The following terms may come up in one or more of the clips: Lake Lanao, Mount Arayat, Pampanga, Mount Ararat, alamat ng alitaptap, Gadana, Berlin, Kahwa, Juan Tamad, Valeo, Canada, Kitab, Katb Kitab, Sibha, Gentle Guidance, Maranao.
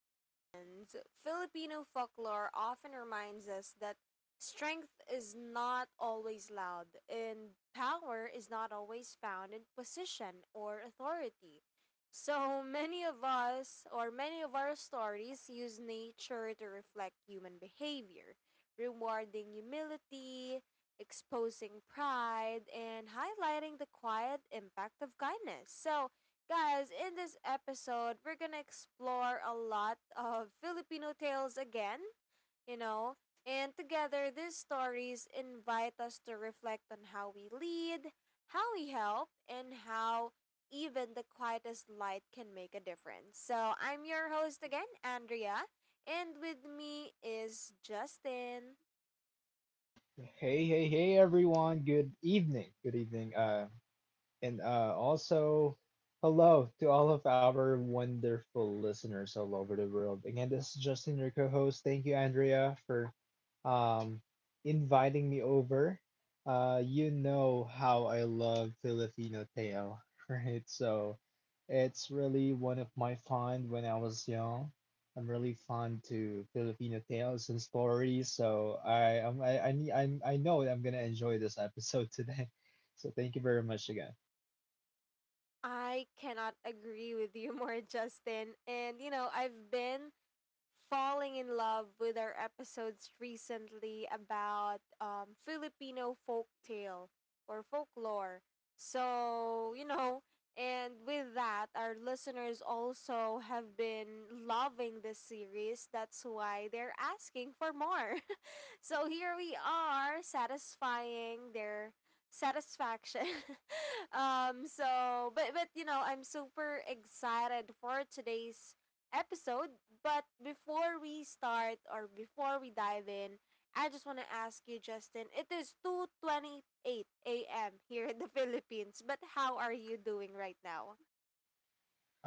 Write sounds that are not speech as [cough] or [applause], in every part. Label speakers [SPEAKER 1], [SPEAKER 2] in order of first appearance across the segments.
[SPEAKER 1] Guidance. Filipino folklore often reminds us that strength is not always loud and power is not always found in position or authority. So [laughs] many of us, or many of our stories, use nature to reflect human behavior, rewarding humility, exposing pride, and highlighting the quiet impact of kindness. Guys, in this episode, we're gonna explore a lot of Filipino tales again, you know, and together these stories invite us to reflect on how we lead, how we help, and how even the quietest light can make a difference. So, I'm your host again, Andrea, and with me is Justin.
[SPEAKER 2] Hey, hey, hey, everyone. Good evening. Good evening. And uh, also, hello to all of our wonderful listeners all over the world. Again, this is Justin, your co host. Thank you, Andrea, for um, inviting me over. You know how I love Filipino Teo, [laughs] right? So it's really one of my fond when I was young. I'm really fond to Filipino tales and stories, so I I'm, I need I'm I know I'm gonna enjoy this episode today. [laughs] So thank you very much again.
[SPEAKER 1] I cannot agree with you [laughs] more, Justin. And you know, I've been falling in love with our episodes recently about Filipino folktale or folklore. So, you know, and with that, our listeners also have been loving this series. That's why they're asking for more. [laughs] So here we are satisfying their satisfaction. [laughs] But you know I'm super excited for today's episode. But before we start or before we dive in, I just want to ask you, Justin. It is 2:28 a.m. here in the [laughs] Philippines, but how are you doing right now?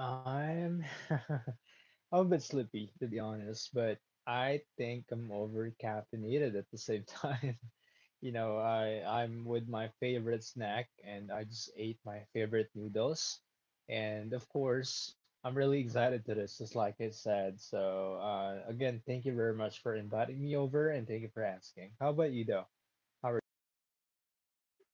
[SPEAKER 2] I'm [laughs] I'm a bit sleepy, to be honest, but I think I'm over caffeinated at the same time. [laughs] You know, I'm with my favorite snack and I just ate my favorite noodles. And of course, I'm really excited to this, just like I said. So, again, thank you very much for inviting me over and thank you for asking. How about you though? How are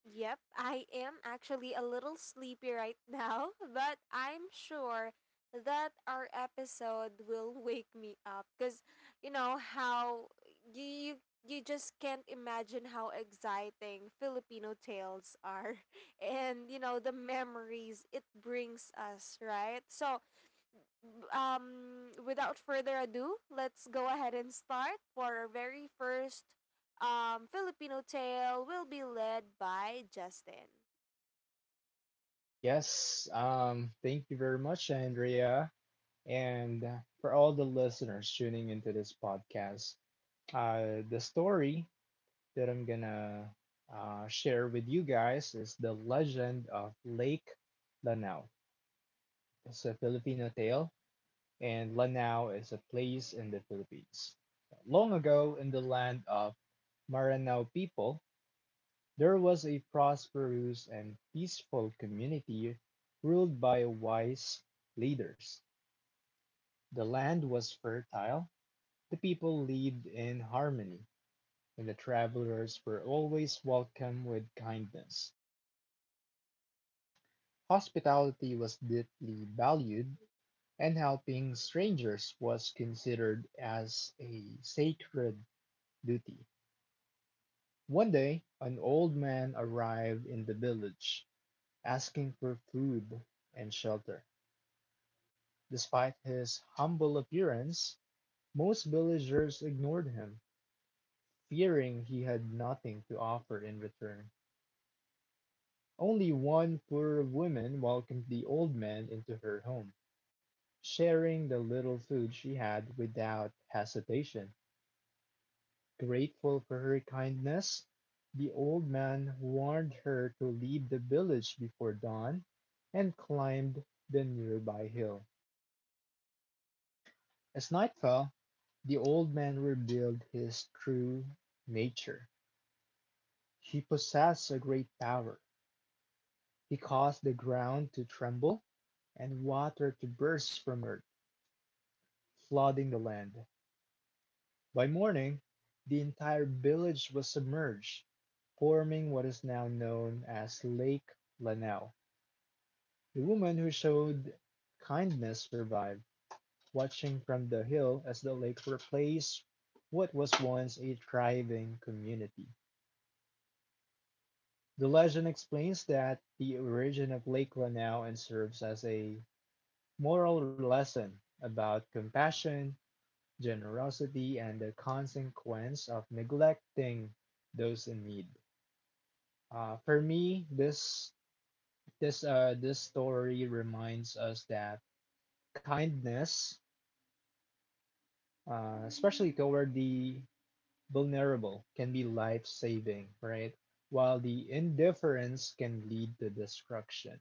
[SPEAKER 1] Yep, I am actually a little sleepy right [laughs] now, but I'm sure that our episode will wake me up because you know how you just can't imagine how exciting Filipino tales are [laughs] and you know the memories it brings us, right? Without further ado, let's go ahead and start for our very first Filipino tale. Will be led by Justin.
[SPEAKER 2] Yes, thank you very much, Andrea. And for all the listeners tuning into this podcast, the story that I'm gonna share with you guys is the legend of Lake Lanao. It's a Filipino tale, and Lanao is a place in the Philippines. Long ago, in the land of Maranao people, there was a prosperous and peaceful community ruled by wise leaders. The land was fertile, the people lived in harmony, and the travelers were always welcomed with kindness. Hospitality was deeply valued, and helping strangers was considered as a sacred duty. One day an old man arrived in the village, asking for food and shelter. Despite his humble appearance, most villagers ignored him, fearing he had nothing to offer in return. Only one poor woman welcomed the old man into her home, sharing the little food she had without hesitation. Grateful for her kindness, the old man warned her to leave the village before dawn and climbed the nearby hill. As night fell, the old man revealed his true nature. He possessed a great power. He caused the ground to tremble and water to burst from earth, flooding the land. By morning, the entire village was submerged, forming what is now known as Lake Lanao. The woman who showed kindness survived, watching from the hill as the lake replaced what was once a thriving community. The legend explains that the origin of Lake Lanao and serves as a moral lesson about compassion, generosity, and the consequence of neglecting those in need. For me, this this story reminds us that kindness, especially toward the vulnerable, can be life-saving, right? While the indifference can lead to destruction.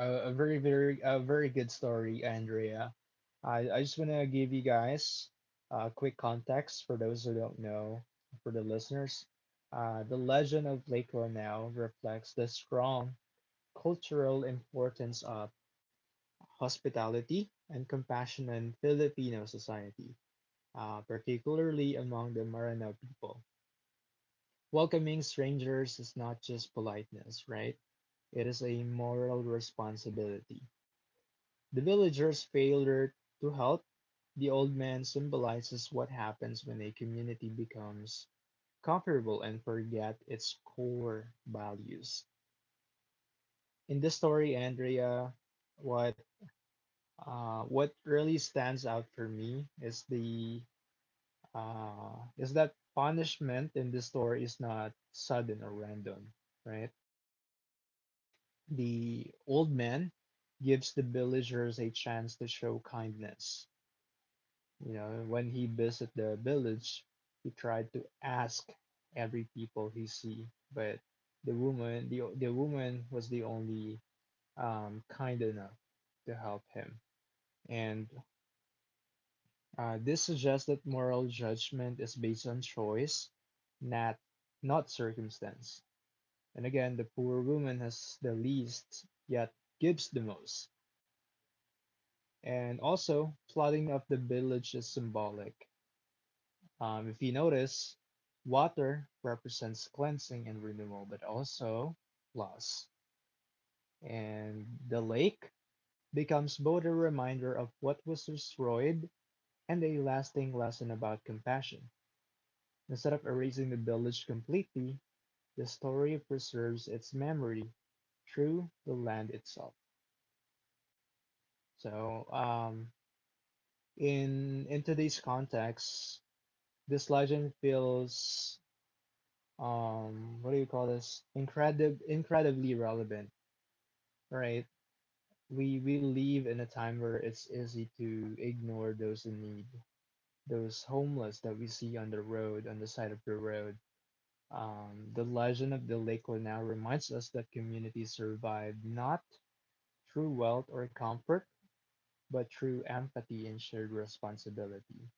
[SPEAKER 2] A very very a very good story, Andrea. I just wanna give you guys quick context for those who don't know, for the listeners. The legend of Lake Lanao reflects the strong cultural importance of hospitality, and compassion in Filipino society, particularly among the Maranao people. Welcoming strangers is not just politeness, right? It is a moral responsibility. The villager's failure to help the old man symbolizes what happens when a community becomes comfortable and forget its core values. In this story, Andrea, what what really stands out for me is the is that punishment in the story is not sudden or random, right? The old man gives the villagers a chance to show kindness. You know, when he visit the village, he tried to ask every people he see, but the woman was the only kind enough to help him. And This suggests that moral judgment is based on choice, not not circumstance. And again, the poor woman has the least, yet gives the most. And also, flooding of the village is symbolic. If you notice, water represents cleansing and renewal, but also loss. And the lake becomes both a reminder of what was destroyed and a lasting lesson about compassion. Instead of erasing the village completely, the story preserves its memory through the land itself. So, in today's context, this legend feels what do you call this? Incredibly relevant, right? We live in a time where it's easy to ignore those in need, those homeless that we see on the road, on the side of the road. The legend of the Lake Lanao reminds us that communities survive not through wealth or comfort, but through empathy and shared responsibility.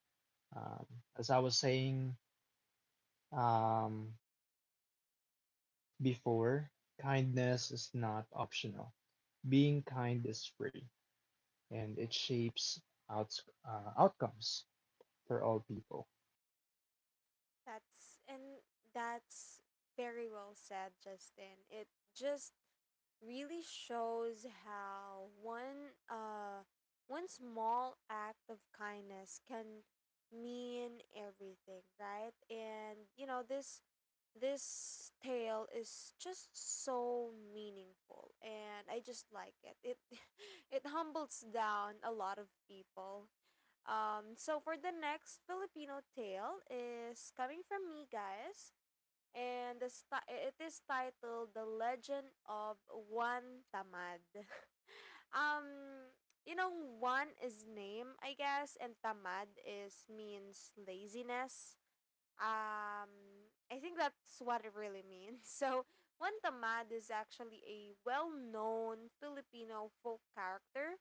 [SPEAKER 2] Um, as I was saying um, before, kindness is not optional. Being kind is free, and it shapes outcomes for all people.
[SPEAKER 1] That's and that's very well said, Justin. It just really shows how one small act of kindness can mean everything, right? And you know, this tale is just so meaningful and I just like it. It [laughs] it humbles down a lot of people. So for the next Filipino tale is coming from me, guys, and it is titled "The Legend of Juan Tamad." [laughs] Um, you know, Juan is name, I guess, and Tamad is means laziness. I think that's what it really means. [laughs] So, Juan Tamad is actually a well-known Filipino folk character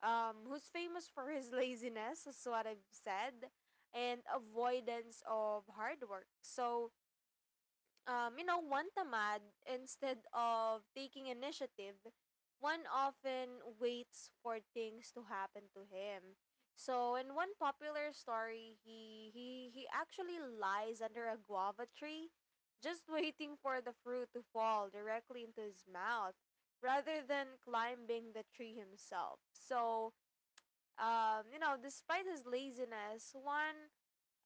[SPEAKER 1] who's famous for his [laughs] laziness, is what I've said, and avoidance of hard work. You know, one tamad instead of taking initiative, one often waits for things to happen to him. So in one popular story, he actually lies under a guava tree, just [laughs] waiting for the fruit to fall directly into his mouth, rather than climbing the tree himself. You know, despite his laziness, one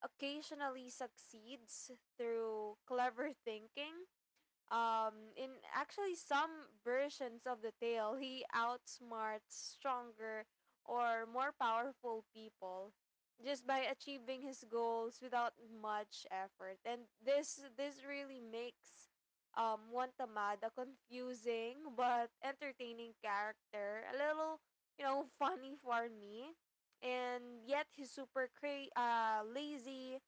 [SPEAKER 1] occasionally succeeds through clever thinking. Um, in actually some versions of the tale, he outsmarts stronger or more powerful people just by achieving his goals without much effort. And this really makes Wantamad a confusing but entertaining character, a little you know funny for me, and yet he's lazy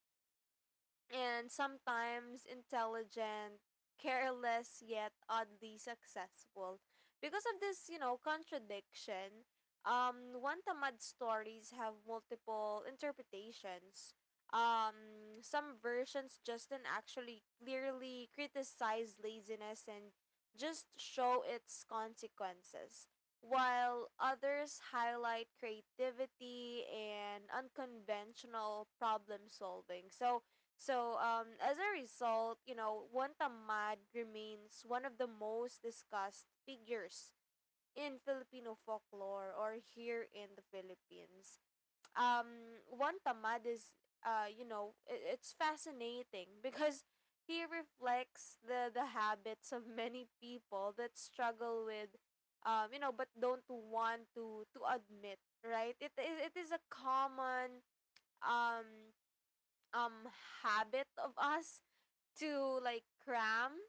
[SPEAKER 1] and sometimes intelligent, careless, yet oddly successful. Because of this, you know, contradiction, one tamad stories have multiple interpretations. Some versions Justin actually clearly criticize laziness and just show its consequences, while others highlight creativity and unconventional problem solving. As a result, you know, Juan Tamad remains one of the most discussed figures in Filipino folklore or here in the Philippines. Juan Tamad is, you know, it's fascinating because he reflects the habits of many people that struggle with, you know, but don't want to admit, right? It is a common um, um, habit of us to like cram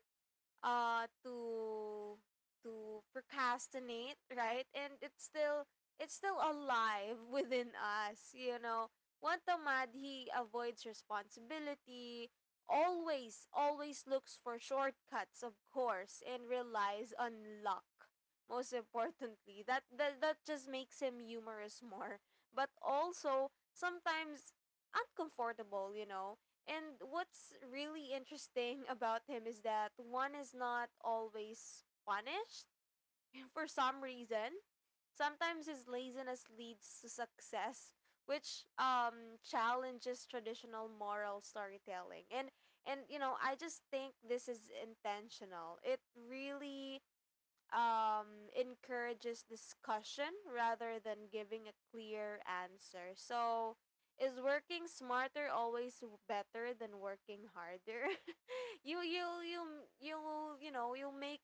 [SPEAKER 1] uh to to procrastinate, right? And it's still alive [laughs] within us, you know. One tamad, he avoids responsibility, always looks for shortcuts of course, and relies on luck, most importantly. That just makes him humorous more, but also sometimes uncomfortable, you know. And what's really interesting [laughs] about him is that one is not always punished [laughs] for some reason. Sometimes his laziness leads to success, which challenges traditional moral storytelling. And you know, I just think this is intentional. It really encourages discussion rather than giving a clear answer. So, is working smarter always better than working harder? [laughs] You know you'll make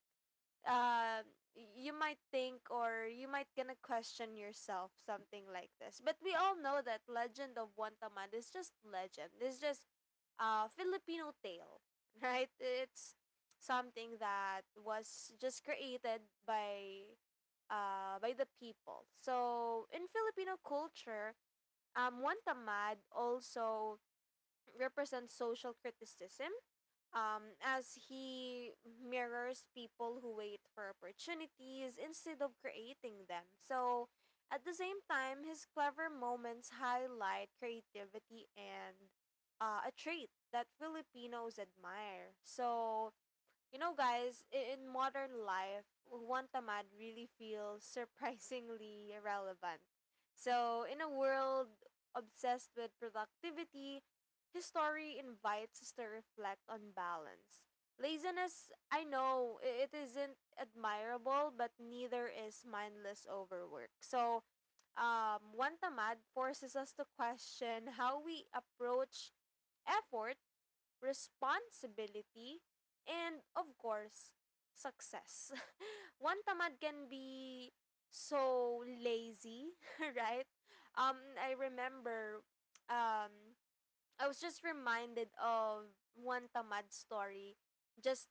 [SPEAKER 1] um you might think or you might gonna question yourself something like this, but we all know that legend of wantamad is just legend. It's just a Filipino tale, [laughs] right? It's something that was just created by the people. So in Filipino culture, wantamad also represents social criticism, as he mirrors people who wait for opportunities instead of creating them. So, at the same time, his clever moments highlight creativity, and a trait that Filipinos admire. So, you know, guys, in modern life, one tamad really feels surprisingly [laughs] irrelevant. So, in a world obsessed with productivity, his story invites us to reflect on balance. Laziness, I know, it isn't admirable, but neither is mindless overwork. One tamad forces us to question how we approach effort responsibility, and of course, success. [laughs] One tamad can be so lazy, [laughs] right? I remember um, I was just reminded of one tamad story just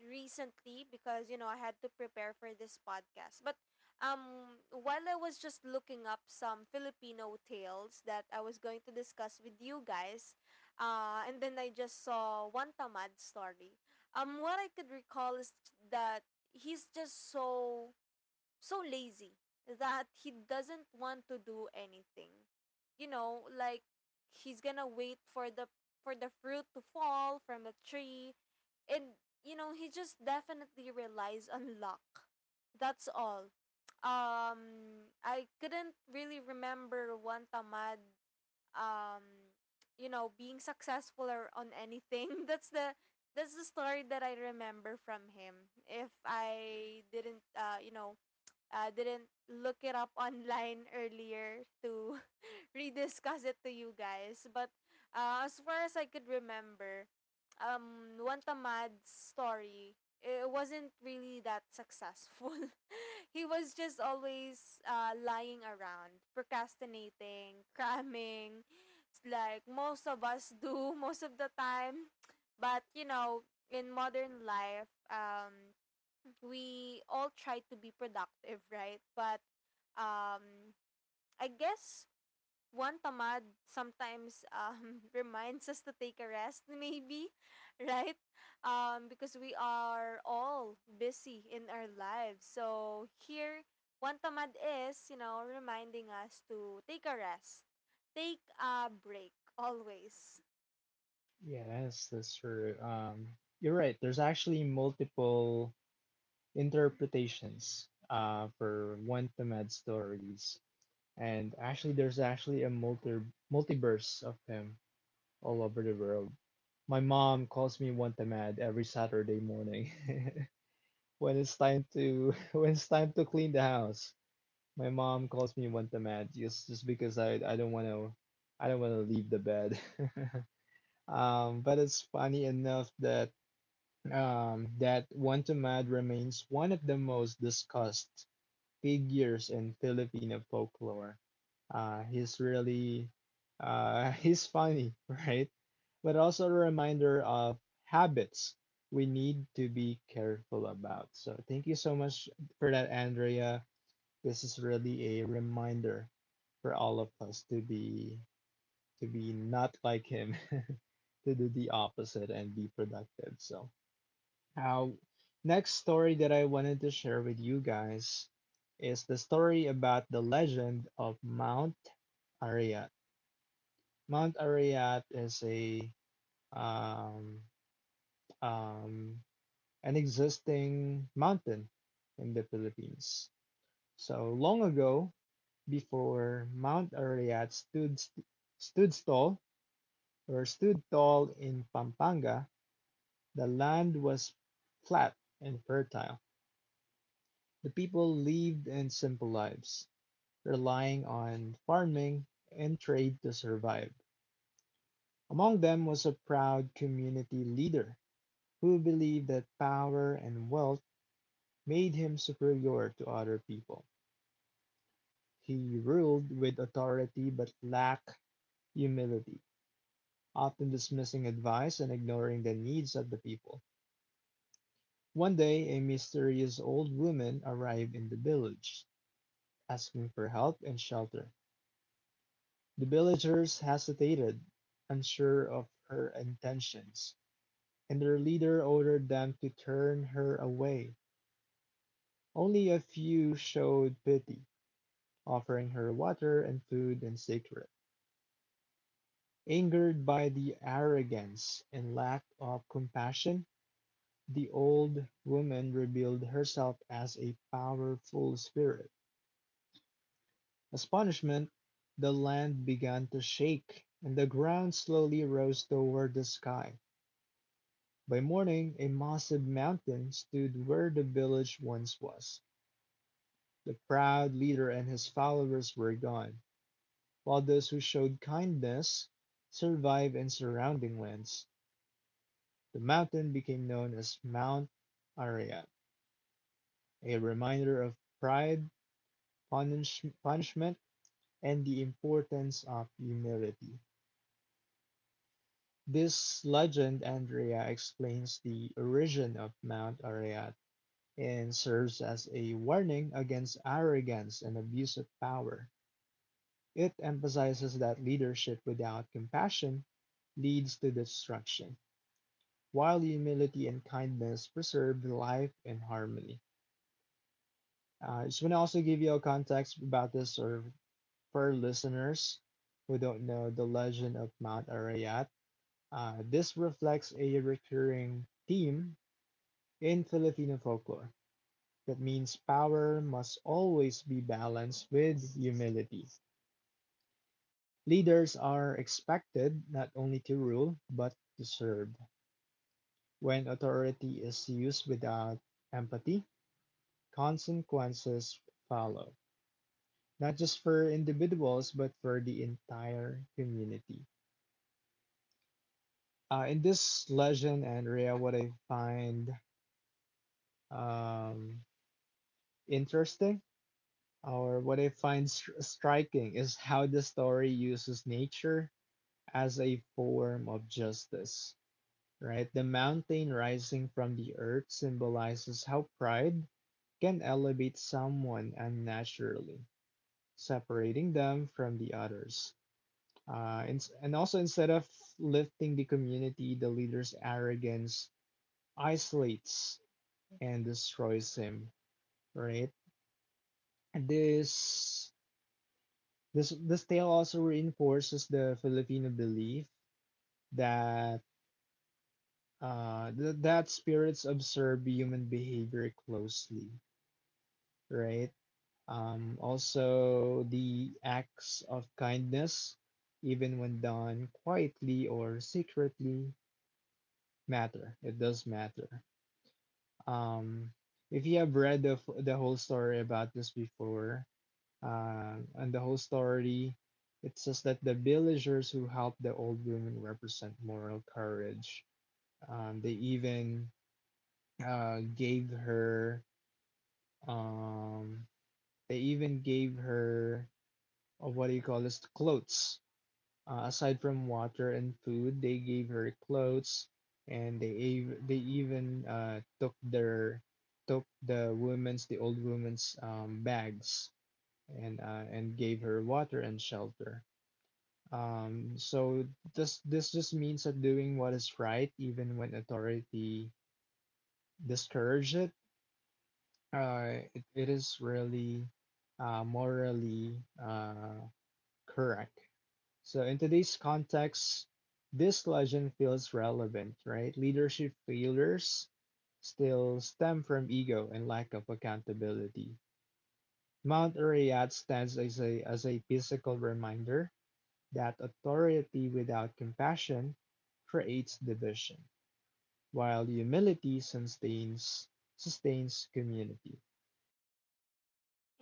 [SPEAKER 1] recently because you know I had to prepare for this podcast. But while I was just looking up some Filipino tales that I was going to discuss with you guys, and then I just saw one tamad story. What I could recall is that he's just so lazy that he doesn't want to do anything. You know, like he's gonna wait for the fruit to fall from the tree, and you know he just definitely relies on luck, that's all. I couldn't really remember one tamad um you know being successful or on anything. [laughs] That's the story that I remember from him. If I didn't didn't look it up [laughs] online earlier to [laughs] rediscuss it to you guys. But as far as I could remember, Wantamad's story, it wasn't really that successful. [laughs] He was just always lying around, procrastinating, [laughs] cramming, like most of us do [laughs] most of the time. But you know, in modern life, we all try to be productive, right? But um, I guess one tamad sometimes [laughs] reminds us to take a rest, maybe, [laughs] right? Because we are all busy in our lives. So here, one tamad is, you know, reminding us to take a rest, take a break always.
[SPEAKER 2] Yes, that's true. You're right. There's actually multiple interpretations for one Tamad stories. And actually, there's actually a multiverse of him all over the world. My mom calls me one Tamad every Saturday morning [laughs] when it's time to [laughs] when it's time to clean the house. My mom calls me one Tamad just because I don't want to I don't want to leave the bed. [laughs] But it's funny enough that that one to remains one of the most discussed figures in Filipino folklore. He's really [laughs] he's funny, right? But also a reminder of habits we need to be careful about. So thank you so much for that, Andrea. This is really a reminder for all of us to be not like him, [laughs] to do the opposite and be productive. So uh, next story that I wanted to share with you guys is the story about the legend of Mount Ariat. Mount Ariat is a um, um, an existing mountain in the Philippines. So long ago, before Mount Ariat stood tall in Pampanga, the land was flat and fertile. The people lived in simple lives, relying on farming and trade to survive. Among them was a proud community leader who believed that power and wealth made him superior to other people. He ruled with authority but lacked humility, often dismissing advice and ignoring the needs of the people. One day, a mysterious old woman arrived in the village, asking for help and shelter. The villagers hesitated, unsure of her intentions, and their leader ordered them to turn her away. Only a few showed pity, offering her water and food in secret. Angered by the arrogance and lack of compassion, the old woman revealed herself as a powerful spirit. As punishment, the land began to shake, and the ground slowly rose toward the sky. By morning, a massive mountain stood where the village once was. The proud leader and his followers were gone, while those who showed kindness survived in surrounding lands. The mountain became known as Mount Ararat, a reminder of pride, punishment, and the importance of humility. This legend, Andrea, explains the origin of Mount Ararat and serves as a warning against arrogance and abuse of power. It emphasizes that leadership without compassion leads to destruction, while humility and kindness preserve life and harmony. I just want to also give you a context about this, or for listeners who don't know the legend of Mount Arayat. This reflects a recurring theme in Filipino folklore. That means power must always be balanced with humility. Leaders are expected not only to rule, but to serve. When authority is used without empathy, consequences follow, not just for individuals, but for the entire community. In this legend, Andrea, what I find um, interesting or what I find striking is how the story uses nature as a form of justice, right? The mountain rising from the earth symbolizes how pride can elevate someone unnaturally, separating them from the others. And also, instead of lifting the community, the leader's arrogance isolates and destroys him, right? This this tale also reinforces the Filipino belief that that spirits observe human behavior closely, right? Also, the acts of kindness, even when done quietly or secretly, matter. It does matter. Um, if you have read the whole story about this before, and the whole story, it says that the villagers who helped the old woman represent moral courage. Um, they even uh, gave her Um, they even gave her of what do you call this? Clothes. Aside from water and food, they gave her clothes, and they even took the old woman's bags and gave her water and shelter. So this just means that doing what is right, even when authority discourage it, it is really morally correct. So, in today's context, this legend feels relevant, right? Leadership failures still stem from ego and lack of accountability. Mount Ararat stands as a physical reminder that authority without compassion creates division, while humility sustains community.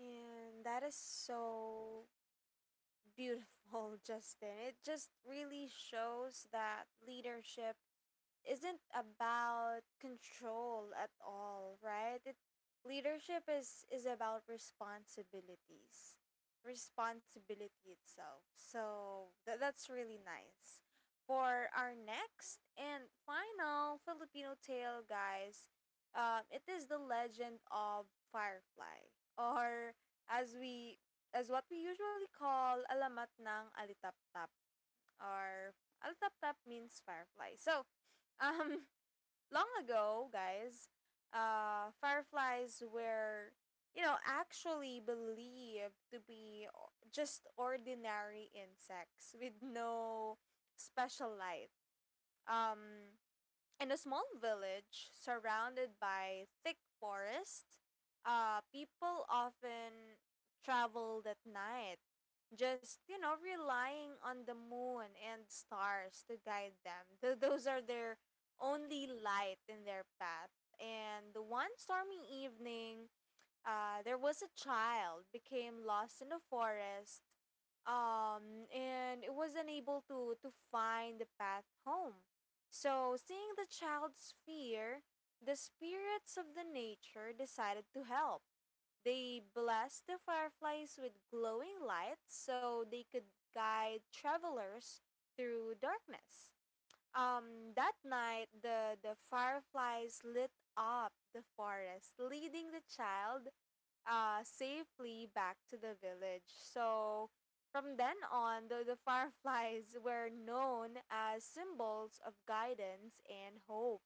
[SPEAKER 1] And that is so beautiful, [laughs] Justin. It just really shows that leadership isn't about control at all, right? It leadership is about responsibilities, responsibility itself. So that's really nice. For our next and final Filipino tale, guys, it is the legend of Firefly, or as we as what we usually call alamat ng alitaptap, or alitaptap means firefly. So [laughs] um long ago, guys, fireflies were, you know, actually believed to be just ordinary insects with no special light. Um, in a small village surrounded by thick forest, people often traveled at night, just, you know, relying on the moon and stars to guide them. Those are their only light in their path. And one stormy evening, there was a child became lost in the forest, and it was unable to find the path home. So, seeing the child's fear, the spirits of the nature decided to help. They blessed the fireflies with glowing lights so they could guide travelers through darkness. That night, the fireflies lit up the forest, leading the child safely back to the village. So from then on, the [laughs] fireflies were known as symbols of guidance and hope.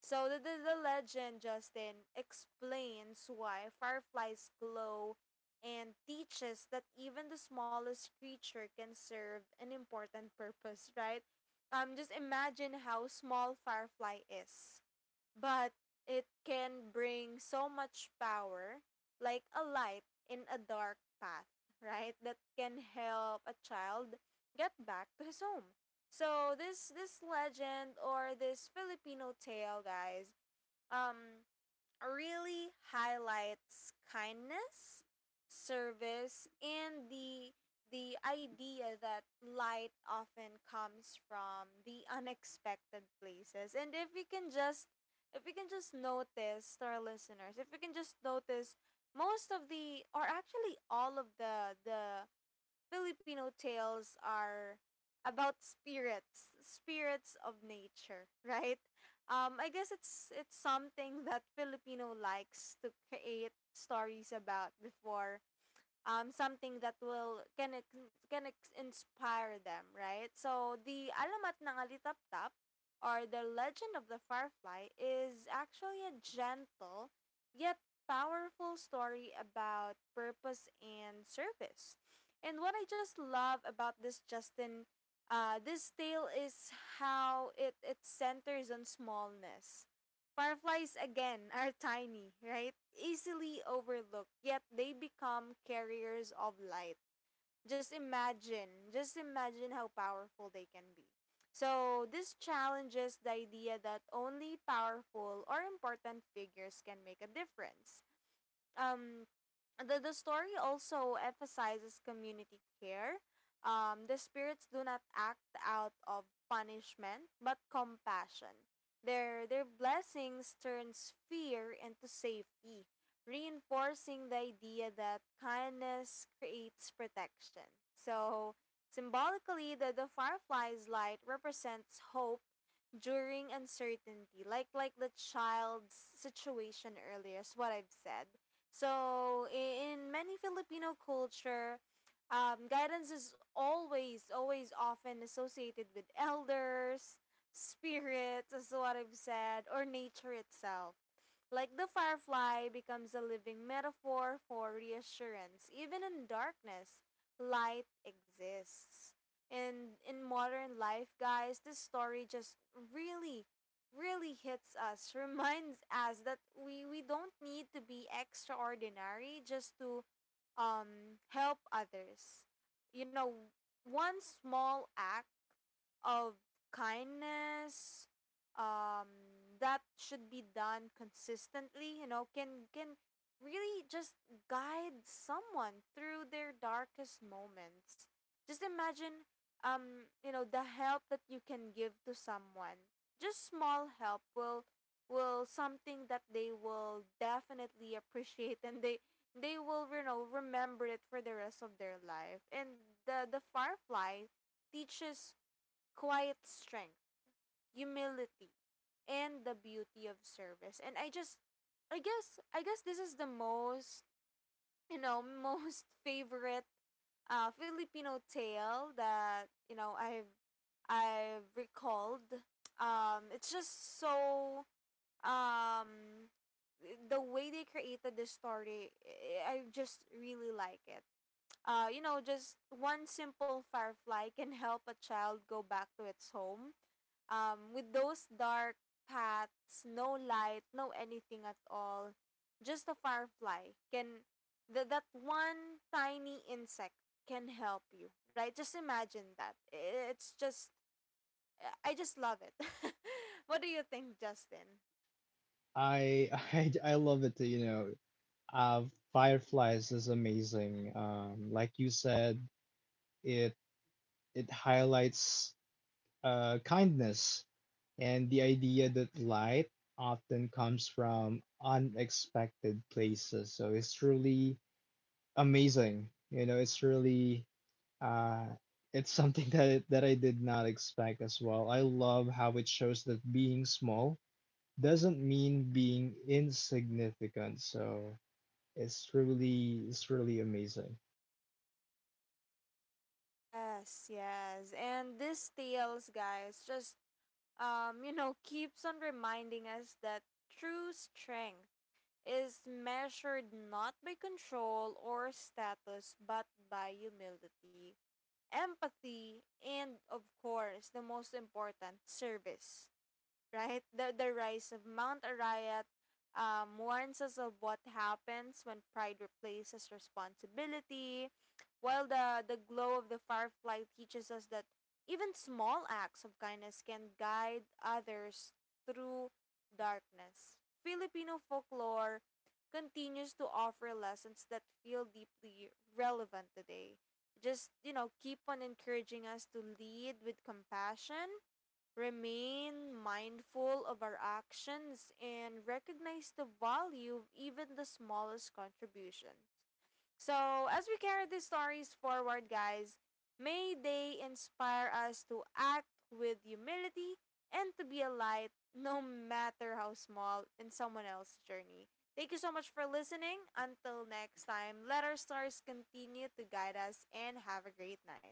[SPEAKER 1] So the legend, Justin, explains why fireflies glow and teaches that even the smallest creature can serve an important purpose, right? Just imagine how small firefly is, but it can bring so much power, like a light in a dark path, right? That can help a child get back to his home. So this legend or this Filipino tale, guys, um really highlights kindness, service, and the idea that light often comes from the unexpected places. And if we can just notice to our listeners, if we can just notice most of the or actually all of the Filipino tales are about spirits, spirits of nature, [laughs] right? I guess it's something that Filipino likes to create stories about before, something that will inspire them, right? So the alamat ng alitaptap or the legend of the firefly is actually a gentle yet powerful story about purpose and service. And what I just love about this Justin, this tale is how it centers on smallness. Fireflies again are tiny, right? Easily overlooked, yet they become carriers of light. Just imagine how powerful they can be. So, this challenges the idea that only powerful or important figures can make a difference. um the story also emphasizes community care. The spirits do not act out of punishment but compassion. Their blessings turns fear into safety, reinforcing the idea that kindness creates protection. So symbolically the firefly's light represents hope during uncertainty, like the child's situation earlier is what I've said. So in many Filipino culture, guidance is always often associated with elders, spirits, as what I've said, or nature itself. Like the firefly becomes a living metaphor for reassurance. Even in darkness, light exists. And in modern life, guys, this story just really hits us, [laughs] reminds us that we don't need to be extraordinary just to help others. You know, one small act of kindness um that should be done consistently, you know, can really just guide someone through their darkest moments. Just imagine, you know, the help that you can give to someone. Just small help will something that they will definitely appreciate, and they will, you know, remember it for the rest of their life. And the firefly teaches quiet strength, humility, and the beauty of service. And I guess this is the most, you know, most [laughs] favorite Filipino tale that, you know, I've recalled. It's just so um the way they created this story, I just really like it. You know, just one simple firefly can help a child go back to its home, with those dark paths, no light, no anything at all, just a firefly can that one tiny insect can help you, right? Just imagine that. It's just I just love it. [laughs] What do you think, Justin?
[SPEAKER 2] I [laughs] I love it. You know, uh, Fireflies is amazing. Like you said, it it highlights kindness and the idea that light often comes from unexpected places. So it's really amazing. You know, it's really uh, it's something [laughs] that I did not expect as well. I love how it shows that being small doesn't mean being insignificant. So it's really amazing.
[SPEAKER 1] Yes, yes. And this tales, guys, just you know, keeps on reminding us that true strength is measured not by control or status but by humility, empathy, and of course, the most important, service. Right? The rise of Mount Arayat warns us of what happens when pride replaces responsibility, while the glow of the firefly teaches us that even small acts of kindness can guide others through darkness. Filipino folklore continues to offer lessons that feel deeply relevant today. Just, you know, keep on encouraging us to lead with compassion. Remain mindful of our actions and recognize the value of even the smallest contribution. So, as we carry these stories forward, guys, may they inspire us to act with humility and to be a light no matter how small in someone else's journey. Thank you so much for listening. Until next time, let our stars continue to guide us and have a great night.